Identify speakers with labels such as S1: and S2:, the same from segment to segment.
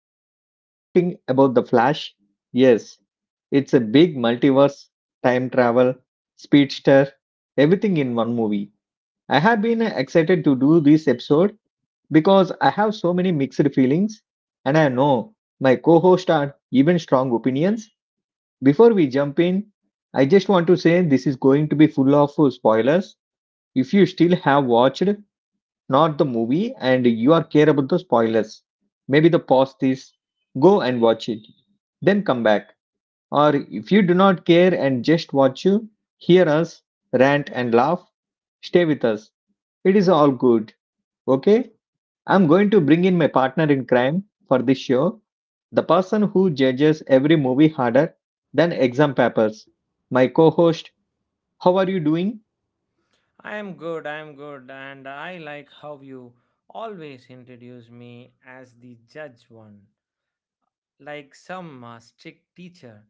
S1: Honestly, we are talking about The Flash. Yes, it's a big multiverse, time travel, speedster, everything in one movie. I have been excited to do this episode because I have so many mixed feelings, and I know my co host are even strong opinions. Before we jump in, I just want to say this is going to be full of spoilers. If you still have watched not the movie and you are care about the spoilers, maybe the pause this, go and watch it then come back. Or if you do not care and just watch you, hear us, rant and laugh, stay with us. It is all good. Okay? I'm going to bring in my partner in crime for this show, the person who judges every movie harder than exam papers. My co host, how are you doing?
S2: I am good, and I like how you always introduce me as the judge one, like some strict teacher.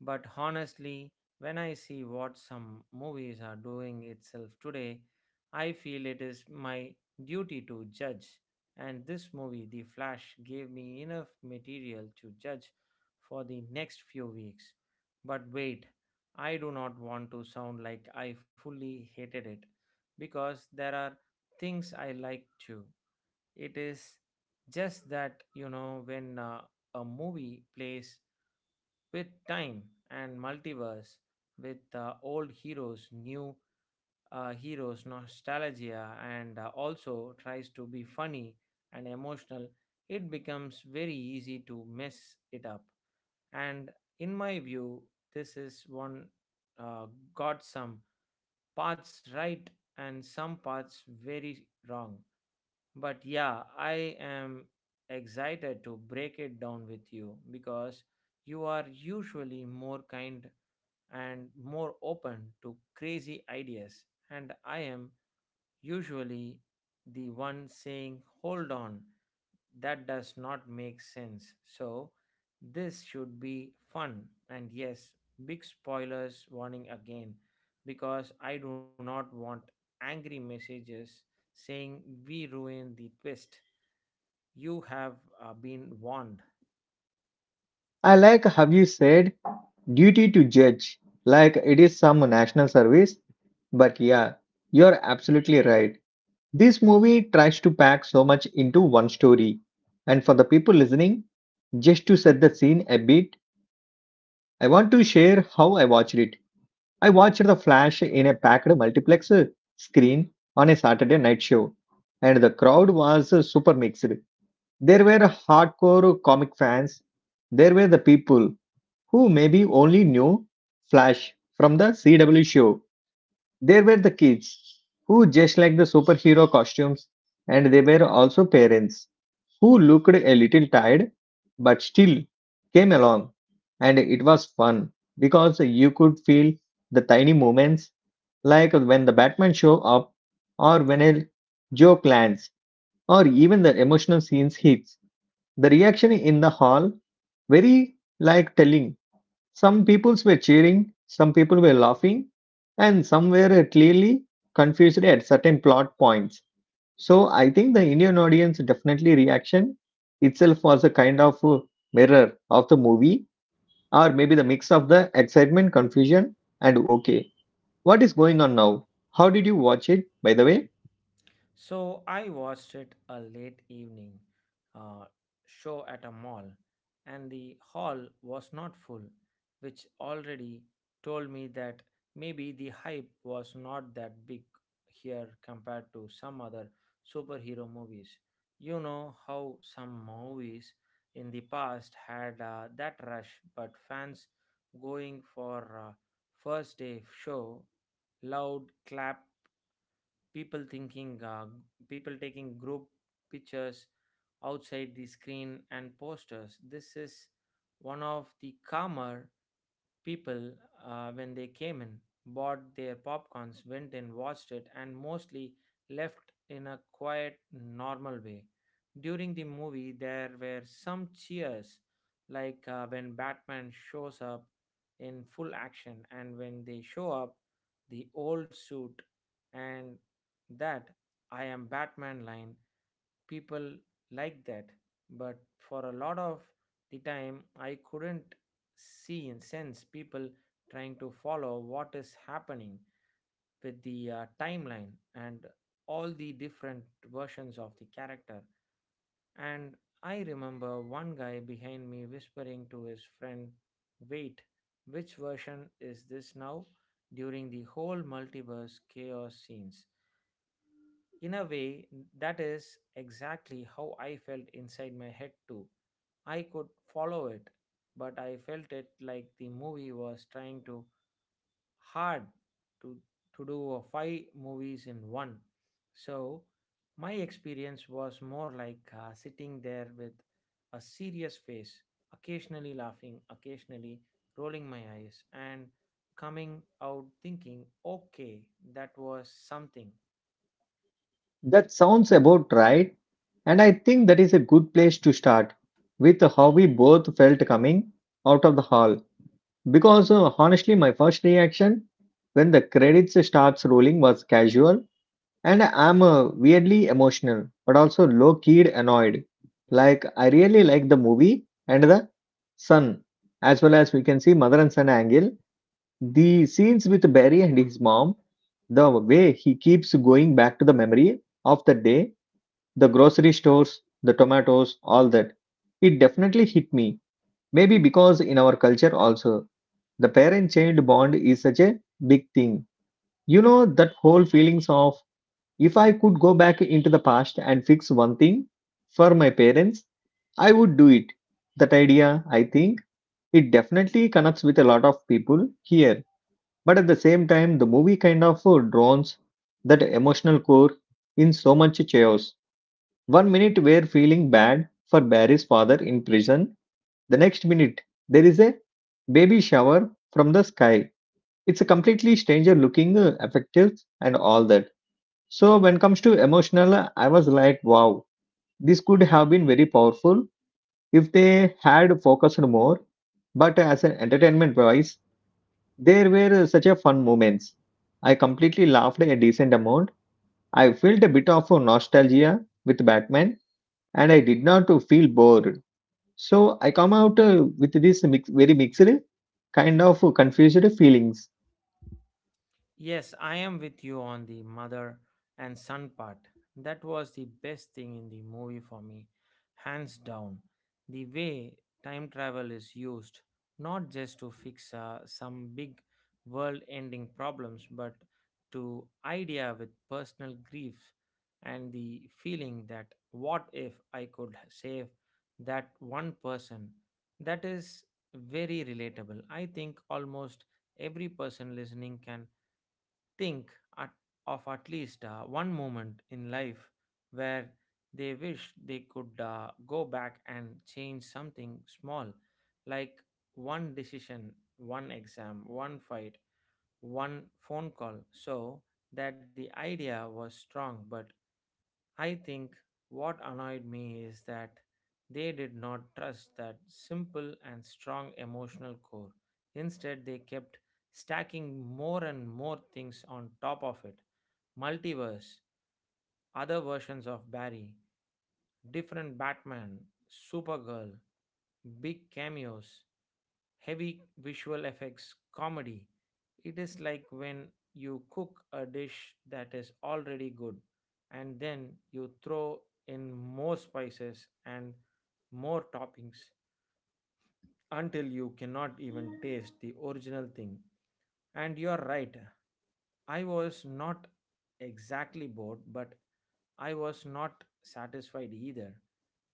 S2: But honestly, when I see what some movies are doing itself today, I feel it is my duty to judge. And this movie, The Flash, gave me enough material to judge for the next few weeks. But wait, I do not want to sound like I fully hated it because there are things I like too. It is just that, you know, when a movie plays with time and multiverse, with old heroes, new heroes, nostalgia, and also tries to be funny and emotional, it becomes very easy to mess it up. And in my view, this is one uh, got some parts right and some parts very wrong. But yeah, I am excited to break it down with you because you are usually more kind and more open to crazy ideas, and I am usually the one saying, hold on, that does not make sense. So this should be fun. And yes, big spoilers warning again, because I do not want angry messages saying, we ruined the twist. You have been warned.
S1: I like how you said duty to judge, like it is some national service. But yeah, you're absolutely right. This movie tries to pack so much into one story. And for the people listening, just to set the scene a bit, I want to share how I watched it. I watched The Flash in a packed multiplex screen on a Saturday night show, and the crowd was super mixed. There were hardcore comic fans, there were the people who maybe only knew Flash from the CW show, there were the kids, who just like the superhero costumes, and there were also parents, who looked a little tired but still came along. And it was fun because you could feel the tiny moments like when the Batman show up, or when a joke lands, or even the emotional scenes hits. The reaction in the hall very like telling some peoples were cheering, some people were laughing, and some were clearly confused at certain plot points. So I think the Indian audience definitely reaction itself was a kind of a mirror of the movie, or maybe the mix of the excitement, confusion, and okay, what is going on now? How did you watch it, by the way?
S2: So I watched it a late evening uh, show at a mall, and the hall was not full, which already told me that maybe the hype was not that big here compared to some other superhero movies. You know how some movies in the past had that rush, but fans going for uh, first day show, loud clap, people thinking uh, people taking group pictures outside the screen and posters. This is one of the calmer people, when they came in, bought their popcorns, went in, watched it, and mostly left in a quiet, normal way. During the movie, there were some cheers, like when Batman shows up in full action, and when they show up, the old suit and that I am Batman line, people like that. But for a lot of the time I couldn't see and sense people trying to follow what is happening with the timeline and all the different versions of the character. And I remember one guy behind me whispering to his friend, wait, which version is this now, during the whole multiverse chaos scenes. In a way, that is exactly how I felt inside my head, too. I could follow it, but I felt it like the movie was trying to hard to, to do a five movies in one. So my experience was more like sitting there with a serious face, occasionally laughing, occasionally rolling my eyes, and coming out thinking, okay, that was something.
S1: That sounds about right, and I think that is a good place to start with how we both felt coming out of the hall. Because honestly, my first reaction when the credits starts rolling was casual, and I'm weirdly emotional, but also low-keyed annoyed. Like I really like the movie and the son, as well as we can see mother and son angle. The scenes with Barry and his mom, the way he keeps going back to the memory of the day, the grocery stores, the tomatoes, all that. It definitely hit me. Maybe because in our culture also the parent child bond is such a big thing. You know, that whole feelings of if I could go back into the past and fix one thing for my parents, I would do it. That idea, I think, it definitely connects with a lot of people here. But at the same time, the movie kind of drowns that emotional core in so much chaos. One minute we're feeling bad for Barry's father in prison, the next minute there is a baby shower from the sky, it's a completely stranger looking effective and all that. So when it comes to emotional, I was like wow, this could have been very powerful if they had focused more. But as an entertainment wise, there were such a fun moments. I completely laughed a decent amount. I felt a bit of a nostalgia with Batman, and I did not feel bored. So I come out with this mix, very mixed kind of confused feelings.
S2: Yes, I am with you on the mother and son part. That was the best thing in the movie for me, hands down. The way time travel is used, not just to fix some big world ending problems, but to idea with personal grief and the feeling that, what if I could save that one person? That is very relatable. I think almost every person listening can think at, of at least one moment in life where they wish they could go back and change something small, like one decision, one exam, one fight, one phone call, so that the idea was strong. But I think what annoyed me is that they did not trust that simple and strong emotional core. Instead, they kept stacking more and more things on top of it: multiverse, other versions of Barry, different Batman, Supergirl, big cameos, heavy visual effects, comedy. It is like when you cook a dish that is already good and then you throw in more spices and more toppings until you cannot even taste the original thing. And you're right, I was not exactly bored, but I was not satisfied either.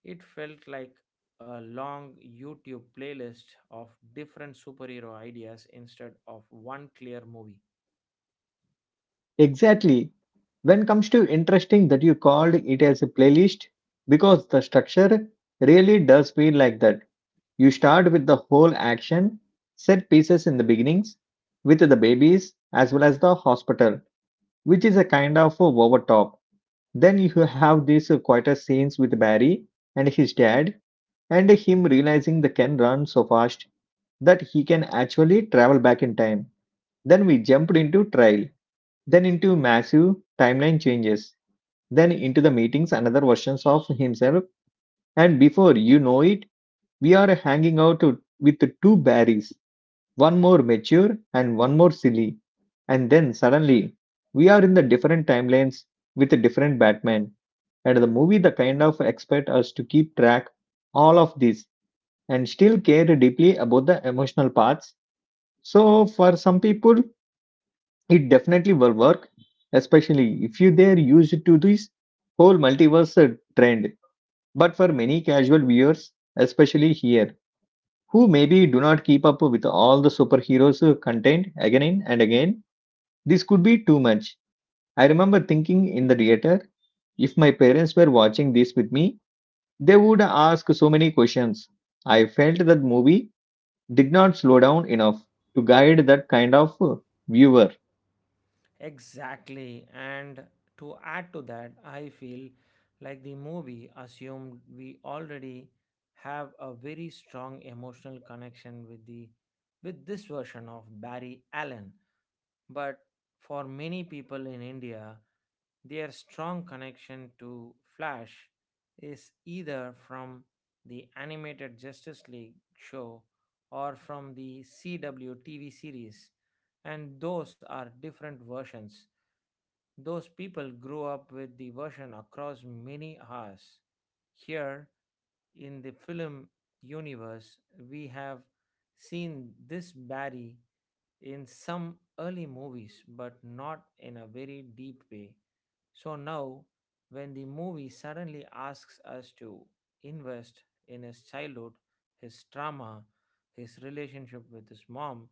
S2: It felt like a long YouTube playlist of different superhero ideas instead of one clear movie.
S1: Exactly. When comes to interesting that you called it as a playlist because the structure really does feel like that. You start with the whole action, set pieces in the beginnings with the babies as well as the hospital, which is a kind of a overtop. Then you have these quieter scenes with Barry and his dad and him realizing the Ken run so fast that he can actually travel back in time. Then we jumped into trial then into massive timeline changes, then into the meetings another versions of himself, and before you know it, we are hanging with two Barrys, one more mature and one more silly, and then suddenly we are in the different timelines with a different Batman, and the movie the kind of expect us to keep track all of this and still care deeply about the emotional parts. So for some people, it definitely will work, especially if you they are used to this whole multiverse trend. But for many casual viewers, especially here, who maybe do not keep up with all the superheroes content again and again, this could be too much. I remember thinking in the theater, if my parents were watching this with me, they would ask so many questions. I felt that movie did not slow down enough to guide that kind of viewer.
S2: Exactly. And to add to that, I feel like the movie assumed we already have a very strong emotional connection with the with this version of Barry Allen. But for many people in India, their strong connection to Flash is either from the animated Justice League show or from the CW TV series, and those are different versions those people grew up with the version across many hours. Here, in the film universe, we have seen this Barry in some early movies, but not in a very deep way. So now, when the movie suddenly asks us to invest in his childhood, his trauma, his relationship with his mom,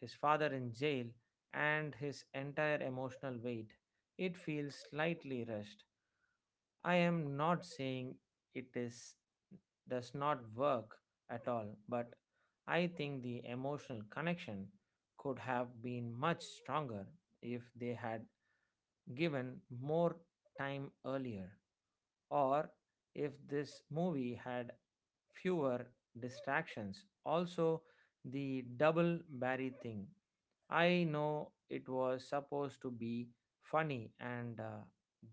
S2: his father in jail, and his entire emotional weight, it feels slightly rushed. I am not saying it is does not work at all, but I think the emotional connection could have been much stronger if they had given more time earlier, or if this movie had fewer distractions. Also, the double Barry thing. I know it was supposed to be funny and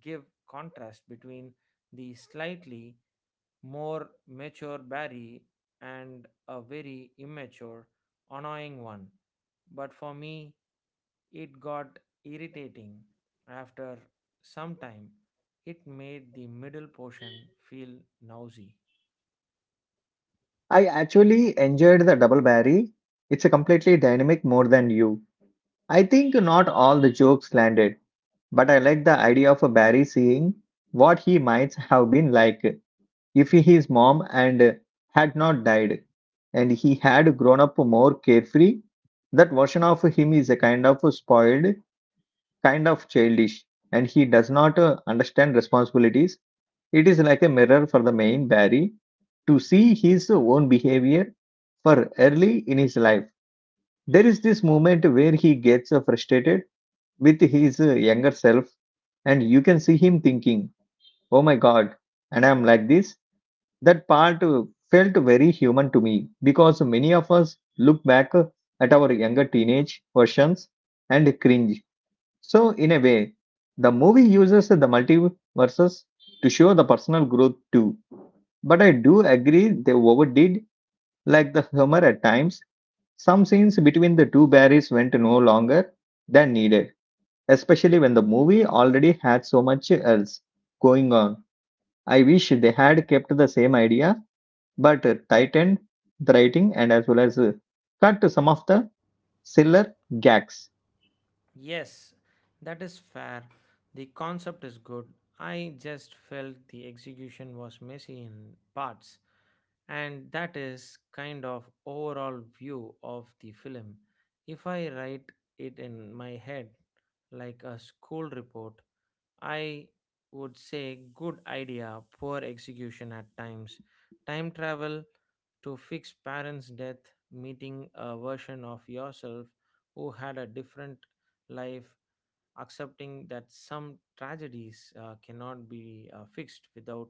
S2: give contrast between the slightly more mature Barry and a very immature, annoying one. But for me, it got irritating. After some time, it made the middle portion feel nausy.
S1: I actually enjoyed the double barry. It's a completely dynamic more than you. I think not all the jokes landed, but I like the idea of a Barry seeing what he might have been like if his mom and had not died and he had grown up more carefree. That version of him is a kind of spoiled, kind of childish, and he does not understand responsibilities. It is like a mirror for the main Barry to see his own behavior for early in his life. There is this moment where he gets frustrated with his younger self and you can see him thinking, oh my god, and I'm like this. That part felt very human to me because many of us look back at our younger teenage versions and cringe. So in a way the movie uses the multiverses to show the personal growth too. But I do agree they overdid like the humor at times. Some scenes between the two Barrys went no longer than needed, especially when the movie already had so much else going on. I wish they had kept the same idea but tightened the writing and as well as cut some of the sillier gags.
S2: Yes, that is fair. The concept is good. I just felt the execution was messy in parts. And that is kind of overall view of the film. If I write it in my head like a school report, I would say good idea, poor execution at times. Time travel to fix parents' death, meeting a version of yourself who had a different life, accepting that some tragedies cannot be fixed without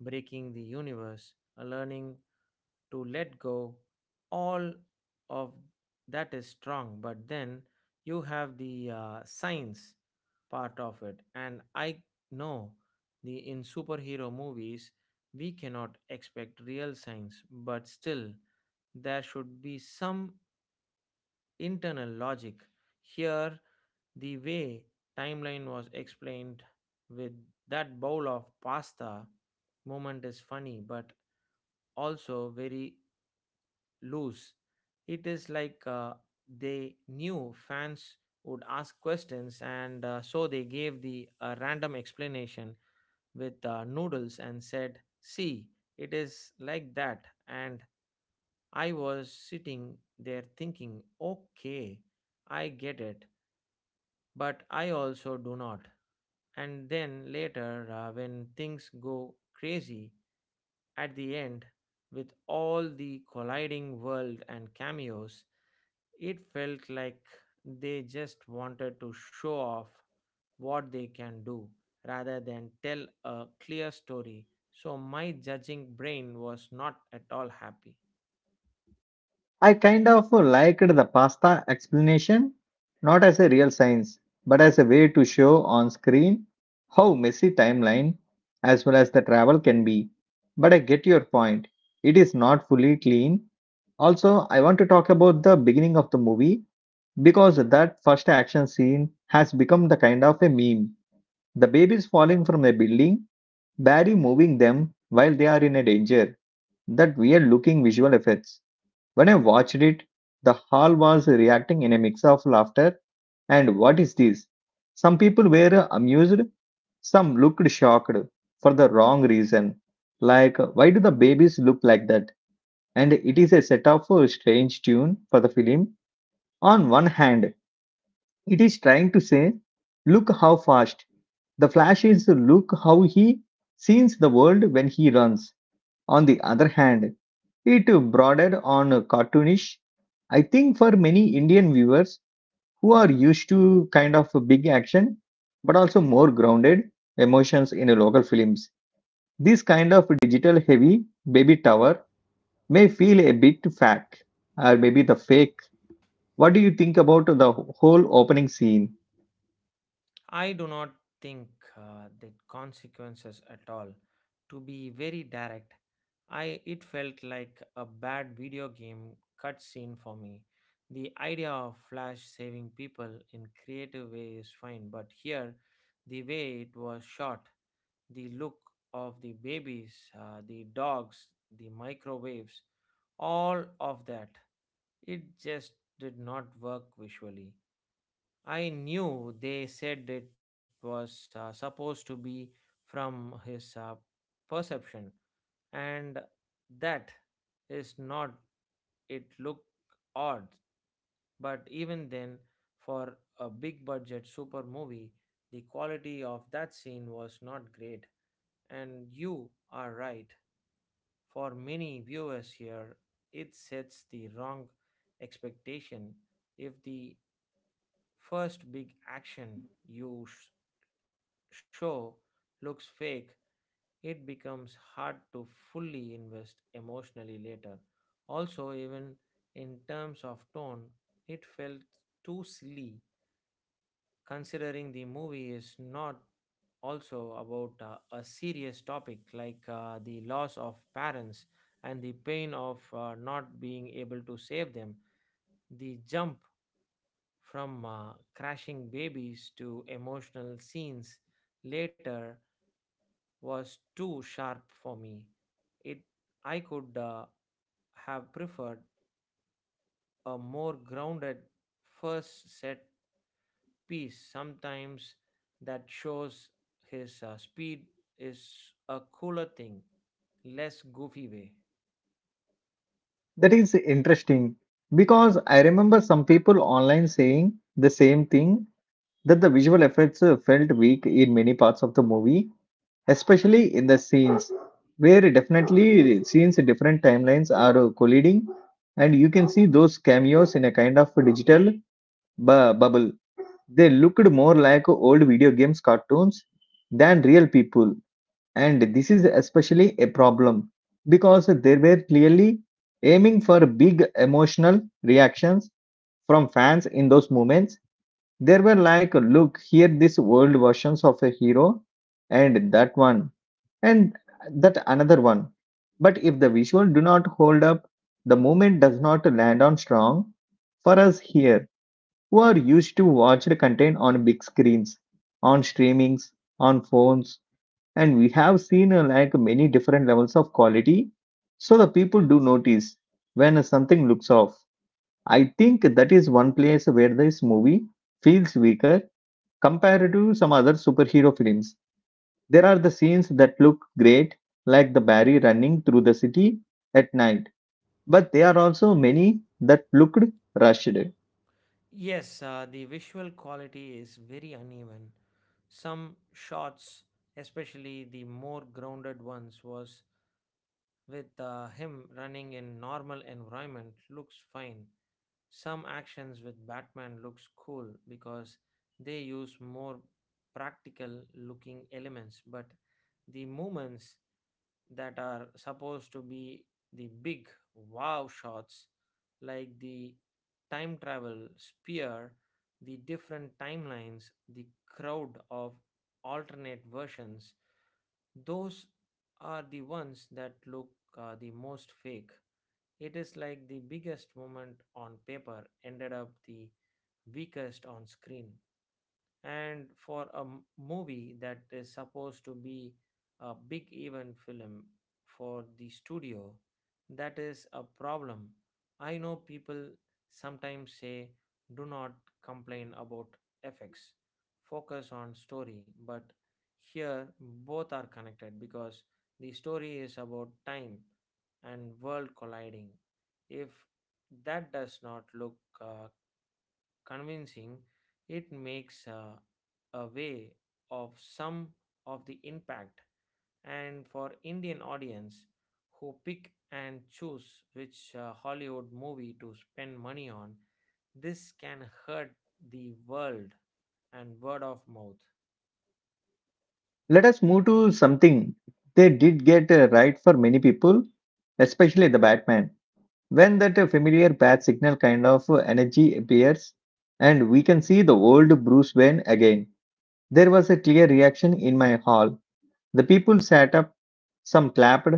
S2: breaking the universe, a learning to let go, all of that is strong. But then you have the science part of it, and I know the in superhero movies we cannot expect real science, but still there should be some internal logic. Here the way timeline was explained with that bowl of pasta moment is funny but also very loose. It is like they knew fans would ask questions and so they gave the random explanation with noodles and said, see, it is like that. And I was sitting there thinking, okay, I get it but I also do not. And then later, when things go crazy at the end with all the colliding world and cameos, it felt like they just wanted to show off what they can do rather than tell a clear story. So my judging brain was not at all happy.
S1: I kind of liked the pasta explanation, not as a real science, but as a way to show on screen how messy timeline as well as the travel can be. But I get your point. It is not fully clean. Also, I want to talk about the beginning of the movie because that first action scene has become the kind of a meme. The babies falling from a building, Barry moving them while they are in a danger. That weird looking visual effects. When I watched it, the hall was reacting in a mix of laughter and what is this? Some people were amused, some looked shocked for the wrong reason. Like, why do the babies look like that? And it is a set of strange tune for the film. On one hand, it is trying to say, look how fast. The Flash is look how he sees the world when he runs. On the other hand, it bordered on cartoonish, I think, for many Indian viewers who are used to kind of big action, but also more grounded emotions in local films. This kind of digital heavy baby tower may feel a bit fake or maybe the fake. What do you think about the whole opening scene?
S2: I do not think that consequences at all. To be very direct, I it felt like a bad video game cutscene for me. The idea of Flash saving people in creative way is fine, but here, the way it was shot, the look of the babies, the dogs, the microwaves, all of that, it just did not work visually. I knew they said it was supposed to be from his perception, and that is not it looked odd. But even then, for a big budget super movie, the quality of that scene was not great. And you are right, for many viewers here, it sets the wrong expectation. If the first big action you show looks fake, it becomes hard to fully invest emotionally later. Also, even in terms of tone, it felt too silly, considering the movie is not also about a serious topic like the loss of parents and the pain of not being able to save them. The jump from crashing babies to emotional scenes later was too sharp for me. It I could have preferred a more grounded first set piece, sometimes that shows his speed is a cooler thing, less goofy way.
S1: That is interesting because I remember some people online saying the same thing, that the visual effects felt weak in many parts of the movie, especially in the scenes where definitely scenes different timelines are colliding and you can see those cameos in a kind of digital bubble. They looked more like old video games cartoons than real people. And this is especially a problem because they were clearly aiming for big emotional reactions from fans in those moments. There were like, look here this world versions of a hero and that one and that another one. But if the visual do not hold up, the moment does not land on strong for us here who are used to watch the content on big screens, on streamings, on phones, and we have seen like many different levels of quality. So the people do notice when something looks off. I think that is one place where this movie feels weaker compared to some other superhero films. There are the scenes that look great, like the Barry running through the city at night, but there are also many that looked rushed.
S2: Yes, the visual quality is very uneven. Some shots, especially the more grounded ones, was with him running in normal environment looks fine, some actions with Batman looks cool because they use more practical looking elements, but the moments that are supposed to be the big wow shots like the time travel spear, the different timelines, the crowd of alternate versions, those are the ones that look the most fake. It is like the biggest moment on paper ended up the weakest on screen, and for a movie that is supposed to be a big event film for the studio, that is a problem. I know people sometimes say do not complain about effects, focus on story, but here both are connected because the story is about time and world colliding. If that does not look uh, convincing, it makes away of some of the impact. And for Indian audience who pick and choose which Hollywood movie to spend money on, this can hurt the world and word of mouth.
S1: Let us move to something they did get right for many people, especially the Batman. When that familiar bat signal kind of energy appears and we can see the old Bruce Wayne again, there was a clear reaction in my hall. The people sat up. Some clapped,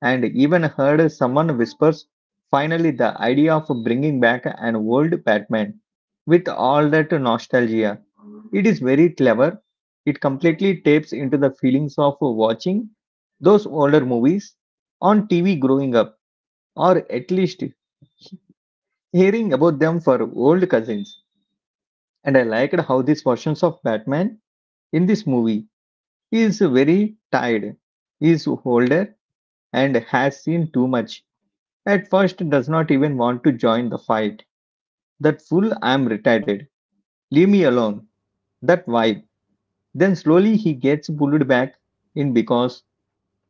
S1: and even heard someone whispers. Finally, the idea of bringing back an old Batman with all that nostalgia. It is very clever. It completely taps into the feelings of watching those older movies on TV growing up, or at least hearing about them for old cousins. And I liked how this version of Batman in this movie is very tired, is older, and has seen too much. At first does not even want to join the fight. That fool I'm retarded. Leave me alone. That vibe. Then slowly he gets pulled back in because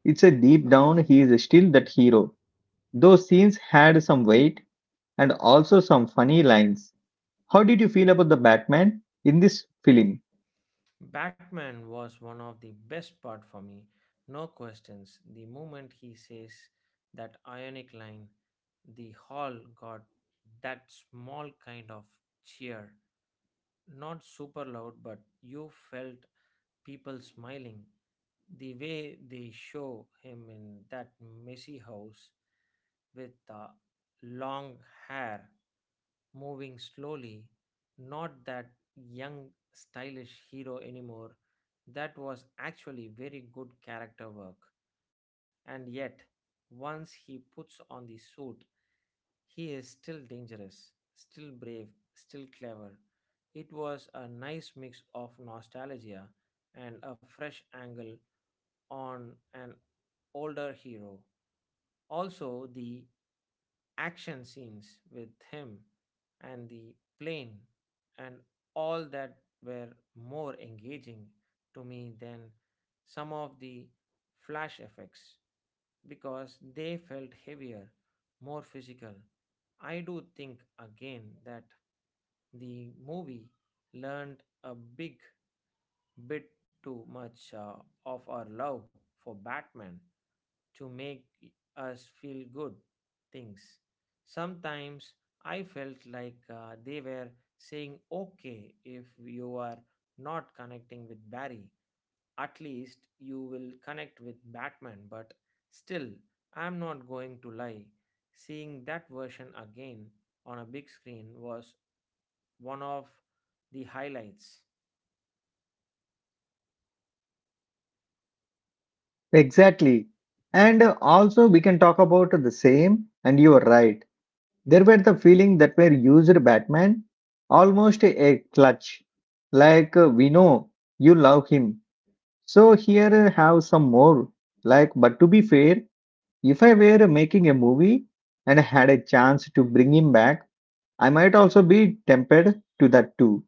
S1: it's a deep down he is still that hero. Those scenes had some weight and also some funny lines. How did you feel about the Batman in this film?
S2: Batman was one of the best part for me, no questions. The moment he says that ionic line, the hall got that small kind of cheer, not super loud, but you felt people smiling. The way they show him in that messy house with the long hair moving slowly, not that young, stylish hero anymore. That was actually very good character work. And yet, once he puts on the suit, he is still dangerous, still brave, still clever. It was a nice mix of nostalgia and a fresh angle on an older hero. Also, the action scenes with him and the plane and all that were more engaging to me than some of the flash effects because they felt heavier, more physical. I do think again that the movie learned a big bit too much of our love for Batman to make us feel good things. Sometimes I felt like they were saying, okay, if you are not connecting with Barry, at least you will connect with Batman. But still, I'm not going to lie, seeing that version again on a big screen was one of the highlights.
S1: Exactly. And also we can talk about the same and you are right. There were the feeling that were used Batman almost a clutch. Like we know you love him, so here have some more. Like, but to be fair, if I were making a movie and had a chance to bring him back, I might also be tempted to that too.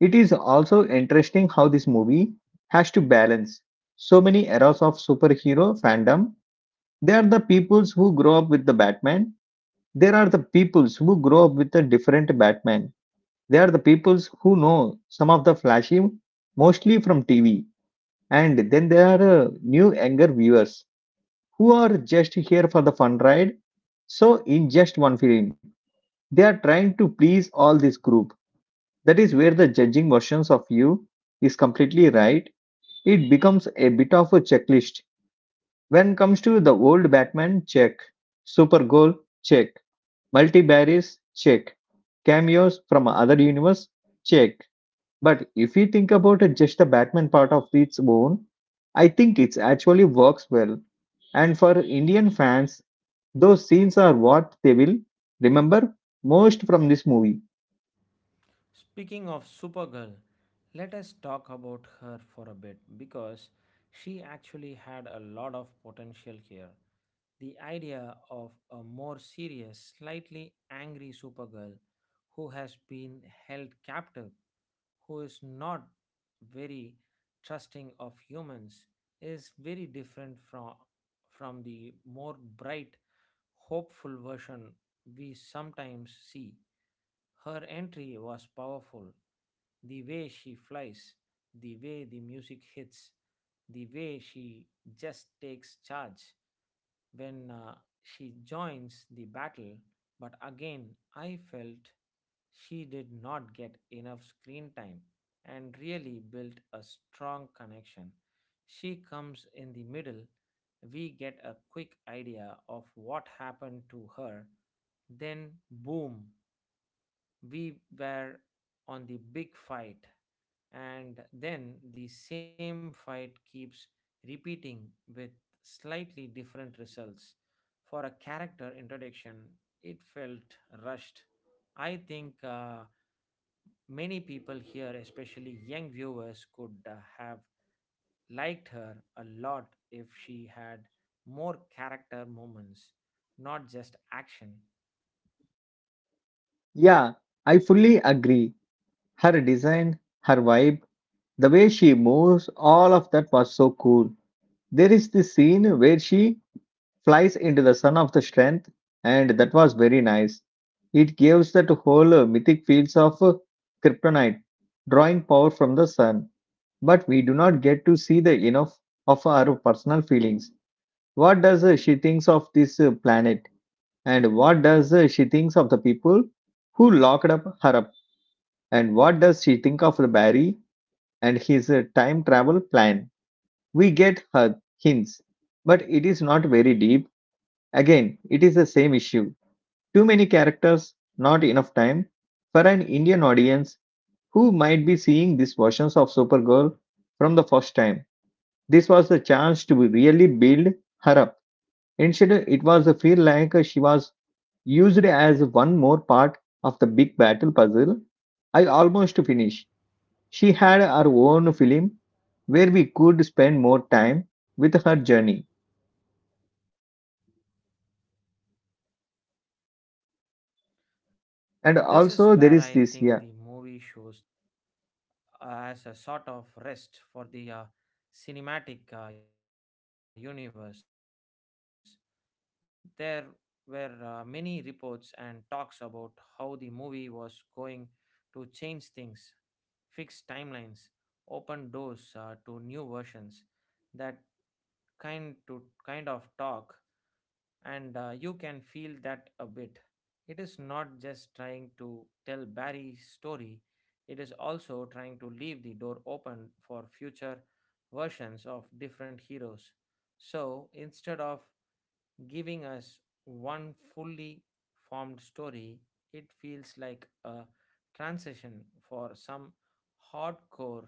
S1: It is also interesting how this movie has to balance so many eras of superhero fandom. They are the peoples who grow up with the Batman. There are the peoples who grow up with a different Batman. They are the peoples who know some of the flashy, mostly from TV. And then there are new younger viewers who are just here for the fun ride. So, in just one film, they are trying to please all this group. That is where the judging versions of you is completely right. It becomes a bit of a checklist. When comes to the old Batman, check. Super goal, check. Multivaries, check. Cameos from other universe, check. But if we think about it, just the Batman part of its own, I think it actually works well. And for Indian fans, those scenes are what they will remember most from this movie.
S2: Speaking of Supergirl, let us talk about her for a bit because she actually had a lot of potential here. The idea of a more serious, slightly angry Supergirl who has been held captive, who is not very trusting of humans, is very different from the more bright, hopeful version we sometimes see. Her entry was powerful. The way she flies, the way the music hits, the way she just takes charge when she joins the battle. But again, I felt she did not get enough screen time and really built a strong connection. She comes in the middle, we get a quick idea of what happened to her, then boom, we were on the big fight, and then the same fight keeps repeating with slightly different results. For a character introduction, it felt rushed. I think many people here, especially young viewers, could have liked her a lot if she had more character moments, not just action.
S1: Yeah, I fully agree. Her design, her vibe, the way she moves, all of that was so cool. There is this scene where she flies into the sun of the strength, and that was very nice. It gives that whole mythic fields of kryptonite, drawing power from the sun. But we do not get to see the enough of our personal feelings. What does she thinks of this planet, and what does she thinks of the people who locked up her up, and what does she think of the Barry and his time travel plan? We get her hints, but it is not very deep. Again, it is the same issue. Too many characters, not enough time. For an Indian audience who might be seeing these versions of Supergirl from the first time, this was the chance to really build her up. Instead, it was a feel like she was used as one more part of the big battle puzzle. I almost finished. She had her own film where we could spend more time with her journey.
S2: This is where I think the movie shows the problem of
S1: And also,
S2: trying
S1: there
S2: to
S1: is this, yeah.
S2: also act as a sort of rest for the cinematic universe. There were many reports and talks about how the movie was going to change things, fix timelines, open doors to new versions. That kind of talk, and you can feel that a bit. It is not just trying to tell Barry's story, it is also trying to leave the door open for future versions of different heroes. So instead of giving us one fully formed story, it feels like a transition for some hardcore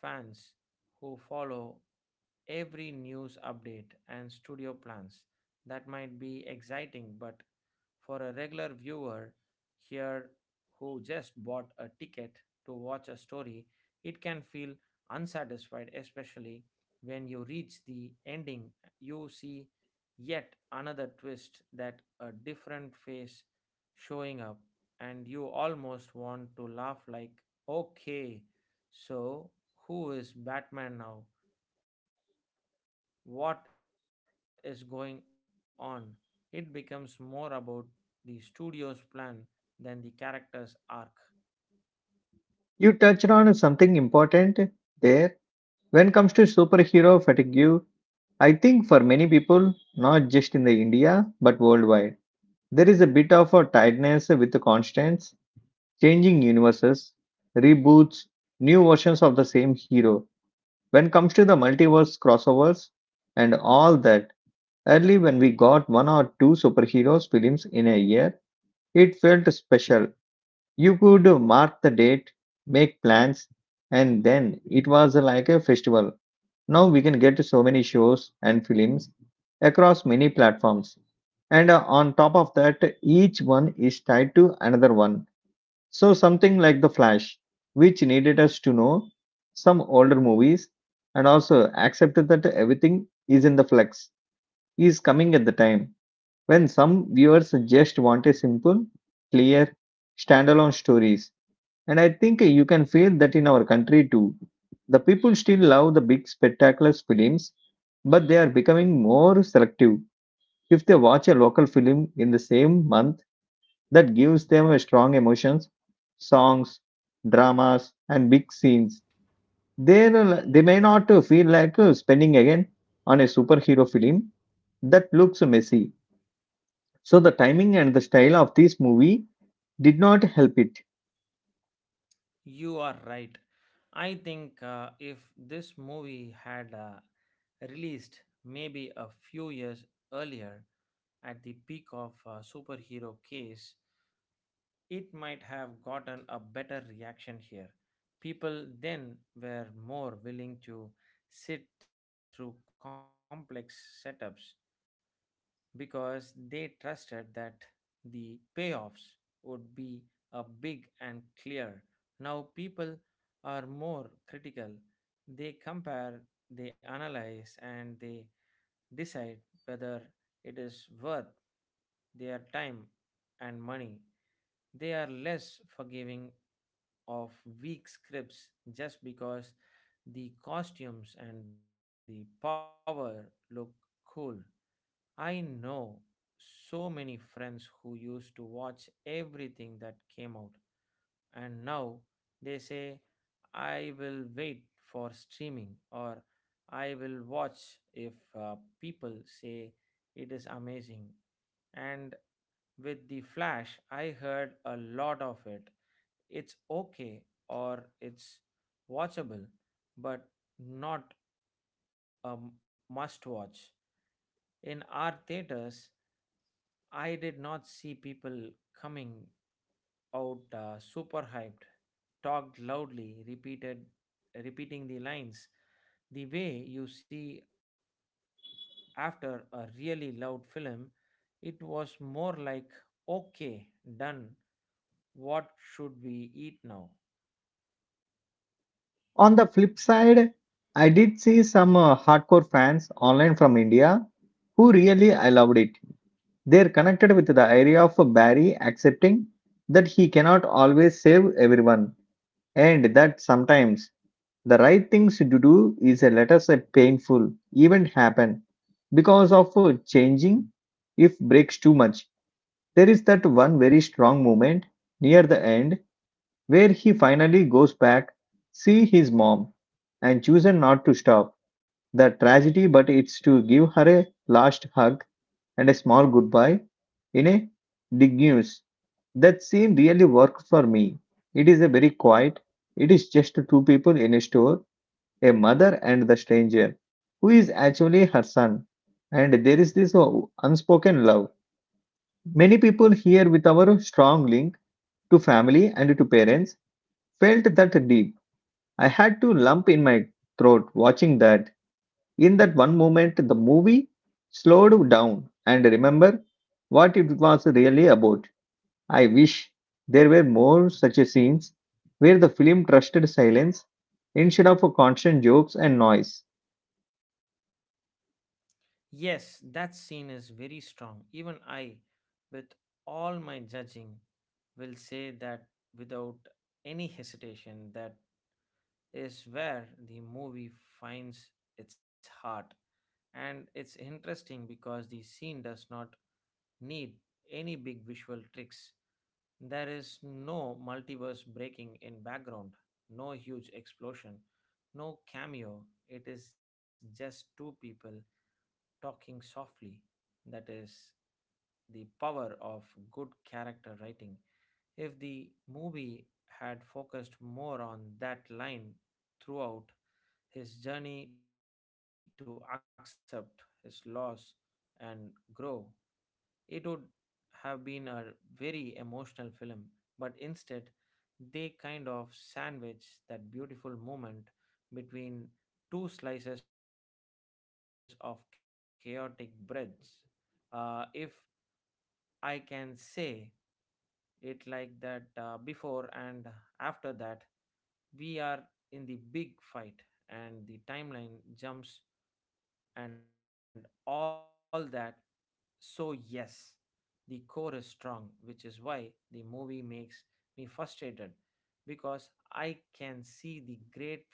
S2: fans who follow every news update and studio plans. That might be exciting, but for a regular viewer here who just bought a ticket to watch a story, it can feel unsatisfied, especially when you reach the ending. You see yet another twist, that a different face showing up, and you almost want to laugh like, okay, so who is Batman now? What is going on. It becomes more about the studio's plan than the character's arc.
S1: You touched on something important there. When it comes to superhero fatigue, I think for many people, not just in the India but worldwide, there is a bit of a tiredness with the constants, changing universes, reboots, new versions of the same hero. When it comes to the multiverse crossovers and all that, early when we got one or two superheroes films in a year, it felt special. You could mark the date, make plans, and then it was like a festival. Now we can get so many shows and films across many platforms. And on top of that, each one is tied to another one. So something like The Flash, which needed us to know some older movies and also accepted that everything is in the flux, is coming at the time when some viewers just want a simple, clear, standalone stories. And I think you can feel that in our country too. The people still love the big spectacular films, but they are becoming more selective. If they watch a local film in the same month that gives them a strong emotions, songs, dramas, and big scenes, they they may not feel like spending again on a superhero film that looks messy. So the timing and the style of this movie did not help it.
S2: You are right. I think if this movie had released maybe a few years earlier at the peak of superhero case, it might have gotten a better reaction here. People then were more willing to sit through complex setups because they trusted that the payoffs would be a big and clear. Now people are more critical. They compare, they analyze, and they decide whether it is worth their time and money. They are less forgiving of weak scripts just because the costumes and the power look cool. I know so many friends who used to watch everything that came out, and now they say, I will wait for streaming, or I will watch if uh, people say it is amazing. And with The Flash, I heard a lot of it. It's okay, or it's watchable, but not a must watch. In our theaters, I did not see people coming out super hyped, talked loudly, repeated repeating the lines. The way you see after a really loud film, it was more like okay, done. What should we eat now?
S1: On the flip side, I did see some hardcore fans online from India who really I loved it. They're connected with the idea of Barry accepting that he cannot always save everyone and that sometimes the right things to do is a let us say painful event happen because of changing if breaks too much. There is that one very strong moment near the end where he finally goes back, see his mom, and chooses not to stop the tragedy but it's to give her a last hug and a small goodbye in a big news. That scene really worked for me. It is a very quiet. It is just two people in a store, a mother and the stranger, who is actually her son. And there is this unspoken love. Many people here with our strong link to family and to parents felt that deep. I had to lump in my throat watching that. In that one moment, the movie slowed down and remember what it was really about. I wish there were more such scenes where the film trusted silence instead of constant jokes and noise.
S2: Yes, that scene is very strong. Even I, with all my judging, will say that without any hesitation that is where the movie finds its heart. And it's interesting because the scene does not need any big visual tricks. There is no multiverse breaking in background, no huge explosion, no cameo. It is just two people talking softly. That is the power of good character writing. If the movie had focused more on that line throughout, his journey to accept his loss and grow. It would have been a very emotional film, but instead, they kind of sandwich that beautiful moment between two slices of chaotic breads. If I can say it like that, before and after that, we are in the big fight and the timeline jumps and all that. So, yes, the core is strong, which is why the movie makes me frustrated because I can see the great film inside it,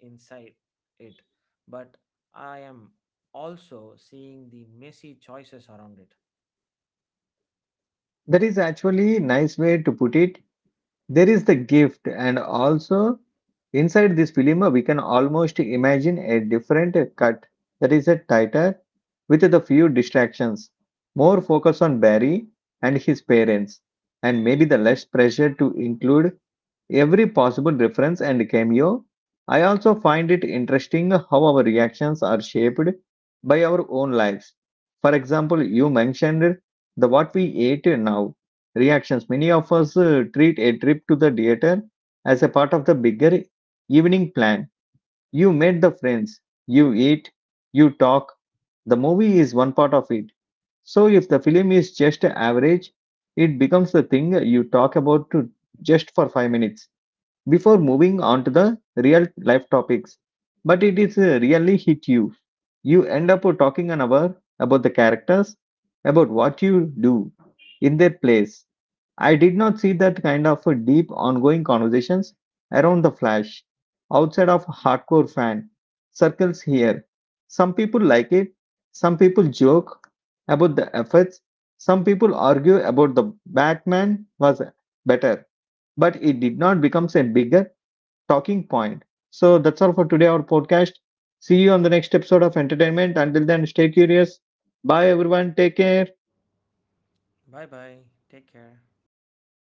S2: but I am also seeing the messy choices around it.
S1: That is actually a nice way to put it. There is the gift and also inside this film we can almost imagine a different cut that is a tighter with the few distractions, more focus on Barry and his parents, and maybe the less pressure to include every possible reference and cameo. I also find it interesting how our reactions are shaped by our own lives. For example, you mentioned the what we ate now reactions. Many of us treat a trip to the theater as a part of the bigger evening plan. You met the friends, you eat, you talk. The movie is one part of it. So if the film is just average, it becomes the thing you talk about to just for 5 minutes before moving on to the real life topics. But it is really hit you. You end up talking an hour about the characters, about what you do in their place. I did not see that kind of a deep ongoing conversations around the Flash outside of hardcore fan circles here. Some people like it, some people joke about the efforts, some people argue about the Batman was better, but it did not become a bigger talking point. So that's all for today, our podcast. See you on the next episode of Entertainment. Until then, stay curious. Bye, everyone. Take care.
S2: Bye bye, take care.